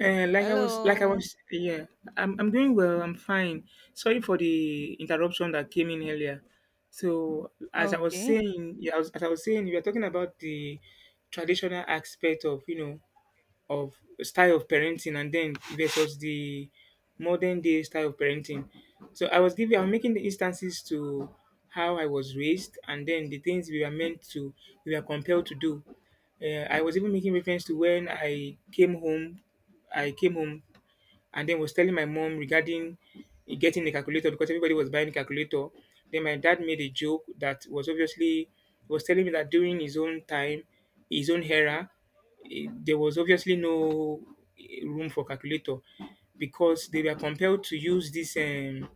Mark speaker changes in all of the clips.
Speaker 1: Uh, like I was, like I
Speaker 2: Hello.
Speaker 1: was, yeah, I'm doing well. I'm fine. Sorry for the interruption that came in earlier. So, as I was
Speaker 2: Okay.
Speaker 1: saying, yeah, as I was saying, we are talking about the traditional aspect of, you know, of style of parenting and then versus the modern day style of parenting. So I was making the instances to how I was raised and then the things we were compelled to do. I was even making reference to when I came home and then was telling my mom regarding getting a calculator because everybody was buying a calculator. Then my dad made a joke that was obviously was telling me that during his own time, his own era, there was obviously no room for calculator because they were compelled to use this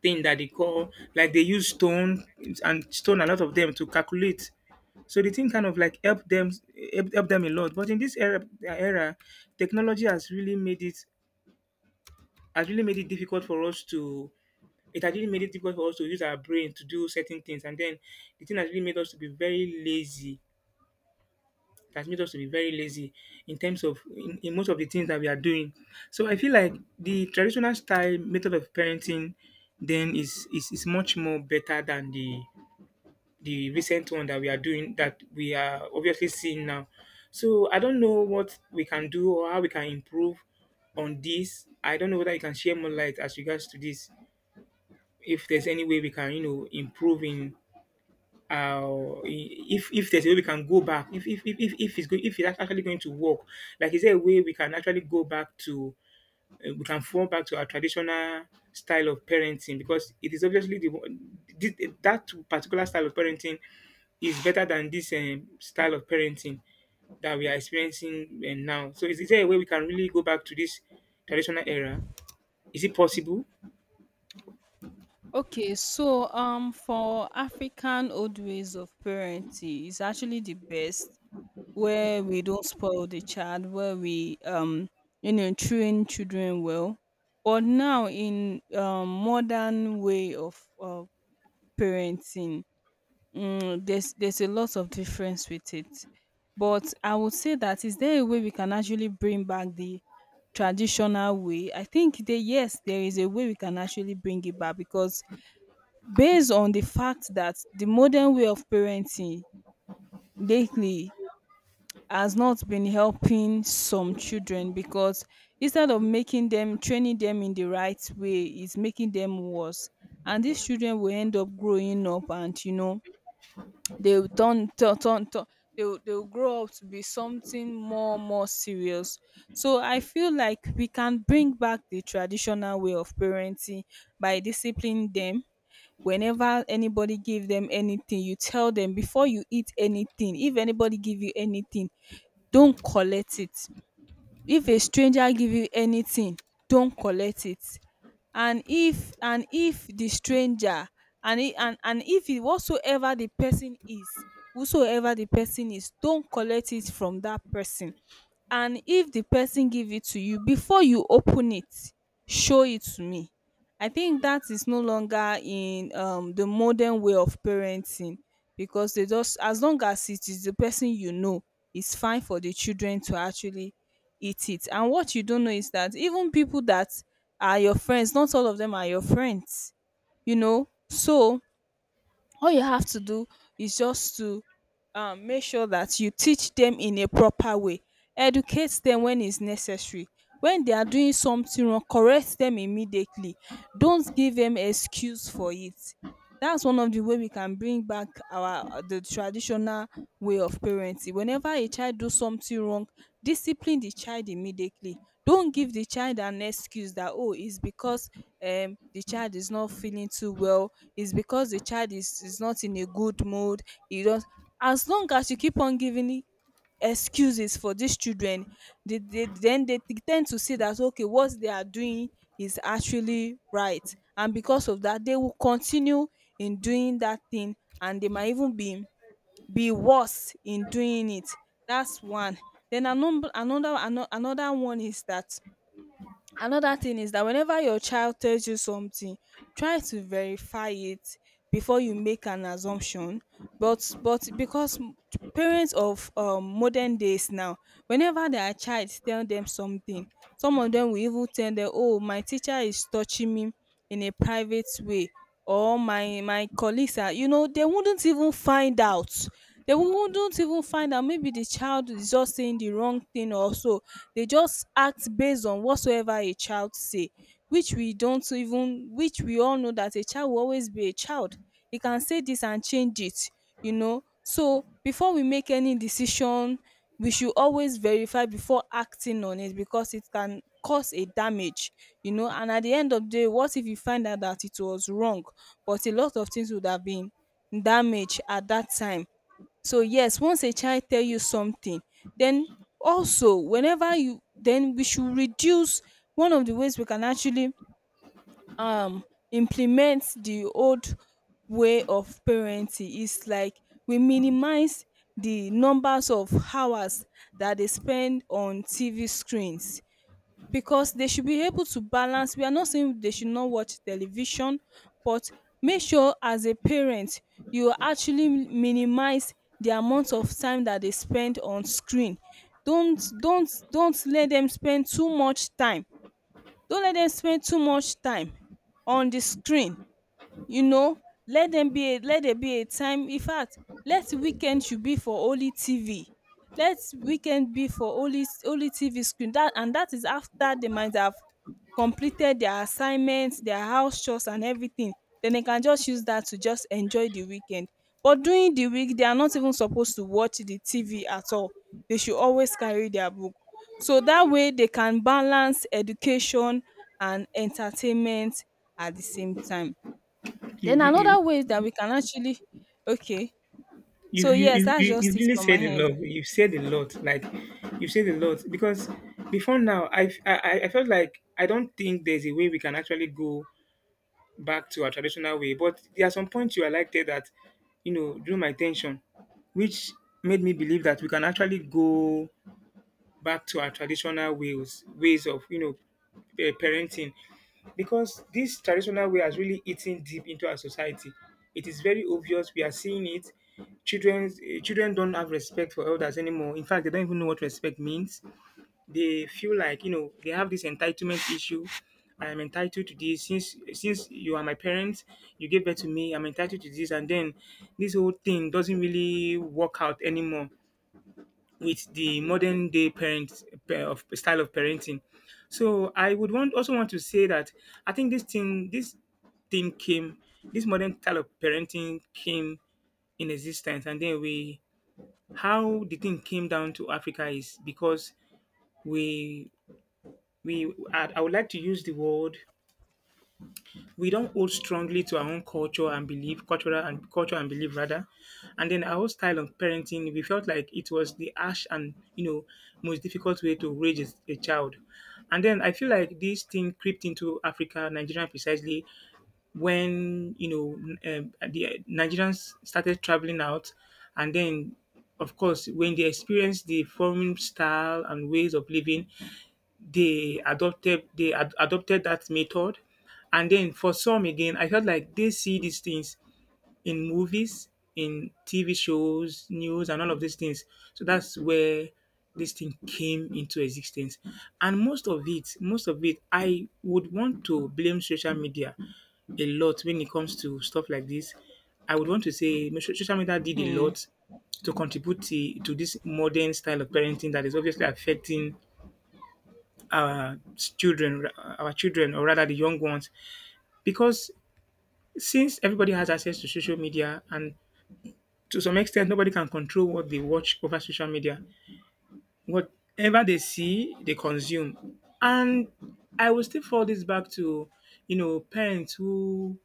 Speaker 1: thing that they call, like they use stone and stone a lot of them to calculate. So the thing kind of like helped them, help them a lot. But in this era, technology has really made it has really made it difficult for us to, it has really made it difficult for us to use our brain to do certain things, and then the thing has really made us to be very lazy, it has made us to be very lazy in terms of in most of the things that we are doing. So I feel like the traditional style method of parenting then is much more better than the recent one that we are doing, that we are obviously seeing now. So I don't know what we can do or how we can improve on this. I don't know whether you can share more light as regards to this, if there's any way we can, you know, improve in our, if there's a way we can go back, if it's good, if it's actually going to work, like is there a way we can actually go back to, we can fall back to our traditional style of parenting, because it is obviously the that particular style of parenting is better than this style of parenting that we are experiencing now. So is there a way we can really go back to this traditional era? Is it possible?
Speaker 2: Okay. So, for African old ways of parenting, it's actually the best where we don't spoil the child, where we you know, train children well. But now in modern way of parenting, there's a lot of difference with it. But I would say, that is there a way we can actually bring back the traditional way? I think that yes, there is a way we can actually bring it back, because based on the fact that the modern way of parenting lately has not been helping some children, because instead of making them, training them in the right way, it's making them worse. And these children will end up growing up, and you know, they will turn, they will grow up to be something more, serious. So I feel like we can bring back the traditional way of parenting by disciplining them. Whenever anybody give them anything, you tell them, before you eat anything, if anybody give you anything, don't collect it. If a stranger give you anything, don collect it. And if the stranger, and I- and if it, whatsoever the person is, whosoever the person is, don collect it from that person. And if the person give it to you, before you open it, show it to me. I think that is no longer in the modern way of parenting, because they just, as long as it is the person you know, it's fine for the children to actually eat it. And what you don't know is that even people that are your friends, not all of them are your friends, you know. So all you have to do is just to make sure that you teach them in a proper way, educate them when is necessary. When they are doing something wrong, correct them immediately. Don't give them excuse for it. That's one of the way we can bring back our, the traditional way of parenting. Whenever a child do something wrong, discipline the child immediately. Don't give the child an excuse that, oh, is because the child is not feeling too well, is because the child is not in a good mood. You don't, as long as you keep on giving excuses for these children, they then they t- tend to see that okay, what they are doing is actually right, and because of that they will continue in doing that thing, and they might even be worse in doing it. That's one. Then another one is that, another thing is that, whenever your child tells you something, try to verify it before you make an assumption. But Because parents of modern days now, whenever their child tell them something, some of them will even tell them, oh, my teacher is touching me in a private way, or my colleagues are, you know, they wouldn't even find out, they wouldn't even find out maybe the child is just saying the wrong thing or so. They just act based on whatsoever a child say, which we don't even, which we all know that a child will always be a child. He can say this and change it, you know. So before we make any decision, we should always verify before acting on it, because it can cause a damage, you know. And at the end of the day, what if you find out that it was wrong, but a lot of things would have been damaged at that time. So yes, once a child tell you something, then also whenever you, then we should reduce, one of the ways we can actually um implement the old way of parenting is like, we minimize the numbers of hours that they spend on TV screens. Because they should be able to balance, we are not saying they should not watch television, but make sure as a parent you actually minimize the amount of time that they spend on screen. Don't let them spend too much time, don't let them spend too much time on the screen, you know. Let there be a time. In fact, let weekend should be for only tv. Let weekend be for only, tv screen, that, and that is after they might have completed their assignments, their house chores and everything. Then they can just use that to just enjoy the weekend. But during the week they are not even supposed to watch the tv at all. They should always carry their book, so that way they can balance education and entertainment at the same time.
Speaker 1: you,
Speaker 2: Then
Speaker 1: you
Speaker 2: another way that we can actually, okay.
Speaker 1: you've
Speaker 2: So
Speaker 1: you
Speaker 2: yes,
Speaker 1: you
Speaker 2: that's
Speaker 1: you you
Speaker 2: just it
Speaker 1: really
Speaker 2: from my
Speaker 1: said a
Speaker 2: end.
Speaker 1: lot. You've said a lot. Like you've said a lot, because before now, I felt like I don't think there's a way we can actually go back to our traditional way. But there are some points you highlighted that, you know, drew my attention, which made me believe that we can actually go back to our traditional ways of, you know, parenting, because this traditional way has really eaten deep into our society. It is very obvious. We are seeing it. Children, children don't have respect for elders anymore. In fact, they don't even know what respect means. They feel like, you know, they have this entitlement issue. I am entitled to this, since you are my parents, you gave birth to me. I'm entitled to this, and then this whole thing doesn't really work out anymore with the modern day parent pa- of style of parenting. So I would want, also want to say that I think this thing came, this modern style of parenting came in existence, and then we, how the thing came down to Africa is because we we I would like to use the word, we don't hold strongly to our own culture and belief, cultural and culture and belief rather. And then our whole style of parenting, we felt like it was the harsh and, you know, most difficult way to raise a child. And then I feel like this thing crept into Africa, Nigeria precisely, when, you know, the Nigerians started traveling out, and then of course when they experienced the foreign style and ways of living, they adopted they ad- adopted that method. And then for some again, I felt like they see these things in movies, in TV shows, news, and all of these things. So that's where this thing came into existence. And most of it, I would want to blame social media a lot when it comes to stuff like this. I would want to say social media did a
Speaker 2: Hmm.
Speaker 1: lot to contribute to this modern style of parenting that is obviously affecting our children, our children, or rather the young ones, because since everybody has access to social media, and to some extent nobody can control what they watch over social media, whatever they see, they consume. And I will still fall this back to, you know, parents who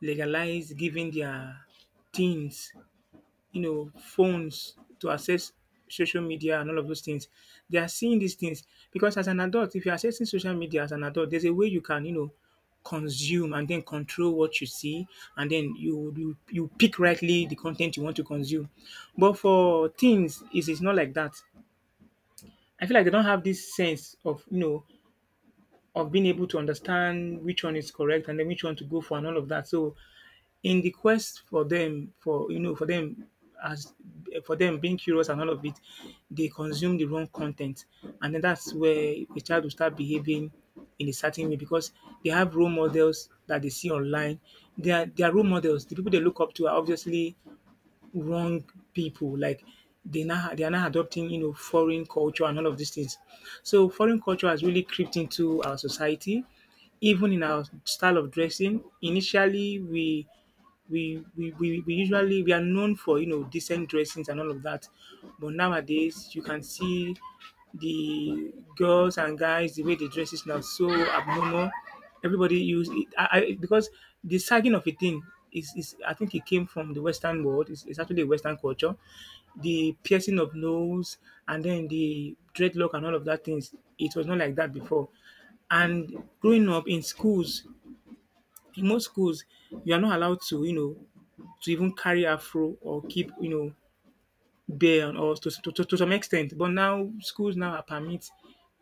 Speaker 1: legalize giving their teens, you know, phones to access social media and all of those things. They are seeing these things because as an adult, if you're accessing social media as an adult, there's a way you can, you know, consume and then control what you see, and then you pick rightly the content you want to consume. But for teens, it's not like that. I feel like they don't have this sense of, you know, of being able to understand which one is correct and then which one to go for and all of that. So in the quest for them, for, you know, for them as for them being curious and all of it, they consume the wrong content, and then that's where the child will start behaving in a certain way because they have role models that they see online. Their role models, the people they look up to, are obviously wrong people. Like they are now adopting, you know, foreign culture and all of these things. So foreign culture has really crept into our society, even in our style of dressing. Initially we usually, we are known for, you know, decent dressings and all of that, but nowadays you can see the girls and guys, the way they dress is now so abnormal. Everybody use it. Because the sagging of a thing is, I think it came from the western world, it's actually a western culture. The piercing of nose and then the dreadlock and all of that things, it was not like that before. And growing up in schools, in most schools, you are not allowed to, you know, to even carry afro or keep, you know, bare and all, to some extent. But now schools now are permit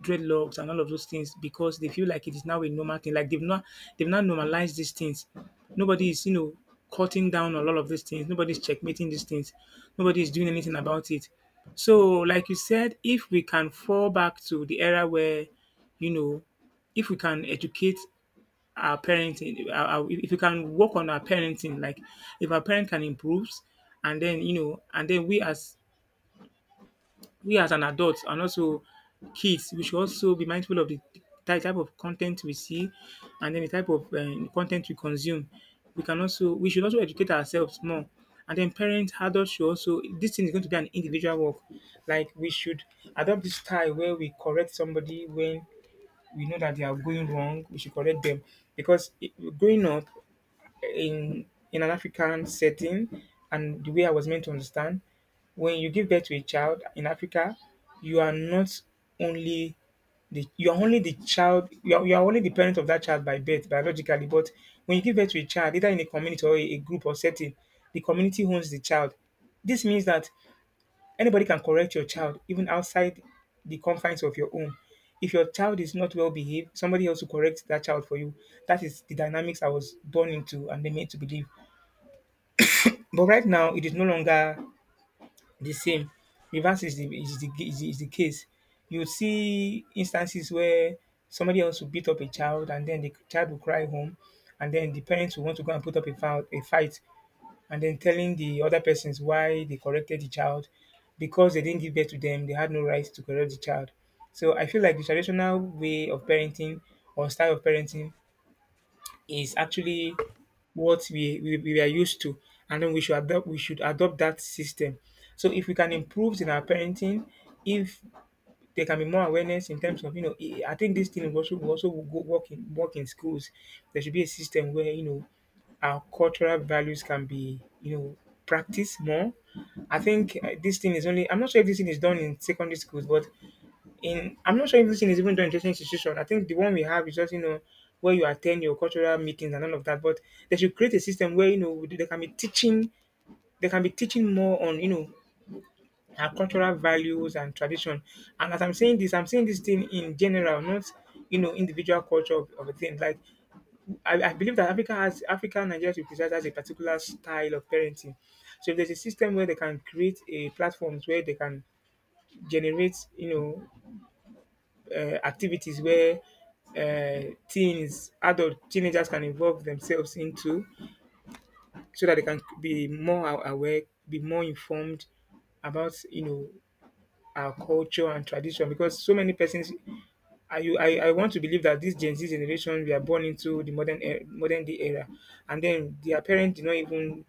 Speaker 1: dreadlocks and all of those things because they feel like it is now a normal thing. Like they've not normalized these things. Nobody is, you know, cutting down on all of these things. Nobody's checkmating these things. Nobody is doing anything about it. So, like you said, if we can fall back to the era where, you know, if we can educate our parenting, if we can work on our parenting, like if our parent can improve, and then, you know, and then we as an adult and also kids, we should also be mindful of the type of content we see, and then the type of content we consume. We can also, we should also educate ourselves more, and then parents, adults should also, this thing is going to be an individual work. Like we should adopt this style where we correct somebody when we know that they are going wrong, we should correct them. Because growing up in in an African setting, and the way I was meant to understand, when you give birth to a child in Africa, you are not only the, you are only the child, you are only the parent of that child by birth biologically, but when you give birth to a child either in a community or a group or setting, the community owns the child. This means that anybody can correct your child, even outside the confines of your home. If your child is not well behaved, somebody else will correct that child for you. That is the dynamics I was born into and they made to believe. But right now, it is no longer the same. Reverse is is the case. You see instances where somebody else will beat up a child, and then the child will cry home, and then the parents will want to go and put up a fight, and then telling the other persons why they corrected the child, because they didn't give birth to them, they had no right to correct the child. So I feel like the traditional way of parenting or style of parenting is actually what we are used to, and then we should adopt that system. So if we can improve in our parenting, if there can be more awareness in terms of I think this thing will also go work in work in schools. There should be a system where our cultural values can be practiced more. I think this thing is only— I'm not sure if this thing is done in secondary schools, but— in— I'm not sure if this thing is even done in education institution. I think the one we have is just where you attend your cultural meetings and all of that. But they should create a system where they can be teaching more on our cultural values and tradition. And as I'm saying this thing in general, not individual culture of a thing. Like I believe that Africa has— Africa, Nigeria to be precise, has a particular style of parenting. So if there's a system where they can create a platforms where they can generate activities where teens, adult teenagers can involve themselves into, so that they can be more aware, be more informed about our culture and tradition. Because so many persons— I want to believe that this Gen Z generation, we are born into the modern day era, and then their parents did not even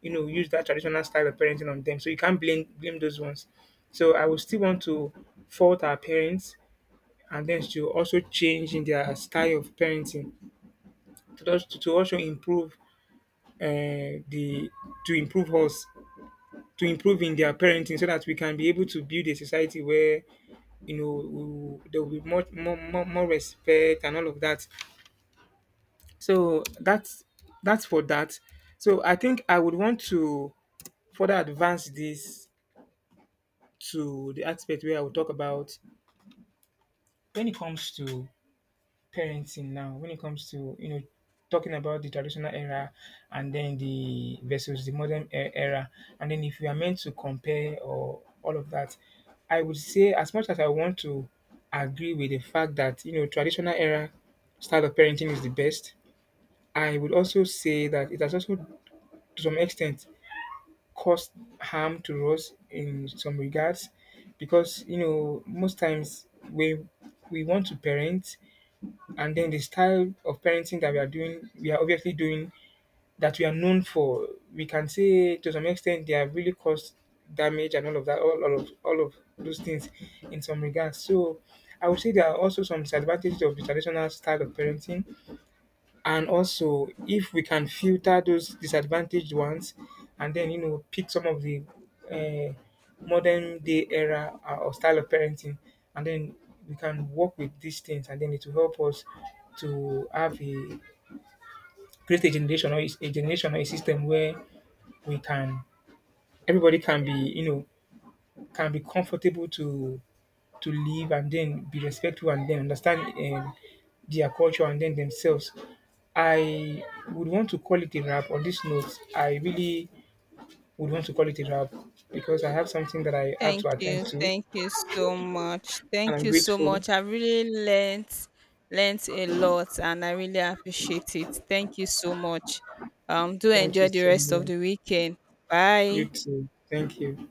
Speaker 1: use that traditional style of parenting on them, so you can't blame those ones. So I would still want to fault our parents and then to also change in their style of parenting, to also improve the to improve us to improve in their parenting, so that we can be able to build a society where, there will be much more, respect and all of that. So that's for that. So I think I would want to further advance this to the aspect where I will talk about when it comes to parenting— now, when it comes to talking about the traditional era and then the versus the era, and then if you are meant to compare, or all of that, I would say, as much as I want to agree with the fact that, traditional era style of parenting is the best, I would also say that it has also, to some extent, caused harm to us in some regards. Because, most times we want to parent, and then the style of parenting that we are doing, we are obviously doing, that we are known for, we can say to some extent they have really caused damage and all of that, all of those things in some regards. So I would say there are also some disadvantages of the traditional style of parenting, and also, if we can filter those disadvantaged ones, and then pick some of the uh, modern day era, or style of parenting, and then we can work with these things, and then it will help us to have a— create a generation or a generation or a system where we can— everybody can be, can be comfortable to— to live and then be respectful and then understand um, their culture and then themselves. I would want to call it a wrap on this note. I really would want to call it a wrap because I have something that I have
Speaker 2: Thank
Speaker 1: to attend
Speaker 2: you.
Speaker 1: to,
Speaker 2: Thank you so much.
Speaker 1: and
Speaker 2: Thank
Speaker 1: I'm
Speaker 2: you so
Speaker 1: grateful.
Speaker 2: much. I really learnt a lot and I really appreciate it. Thank you so much. Um, do
Speaker 1: Thank you
Speaker 2: enjoy the
Speaker 1: so
Speaker 2: rest of
Speaker 1: much.
Speaker 2: the weekend.
Speaker 1: You
Speaker 2: Bye.
Speaker 1: too. Thank you.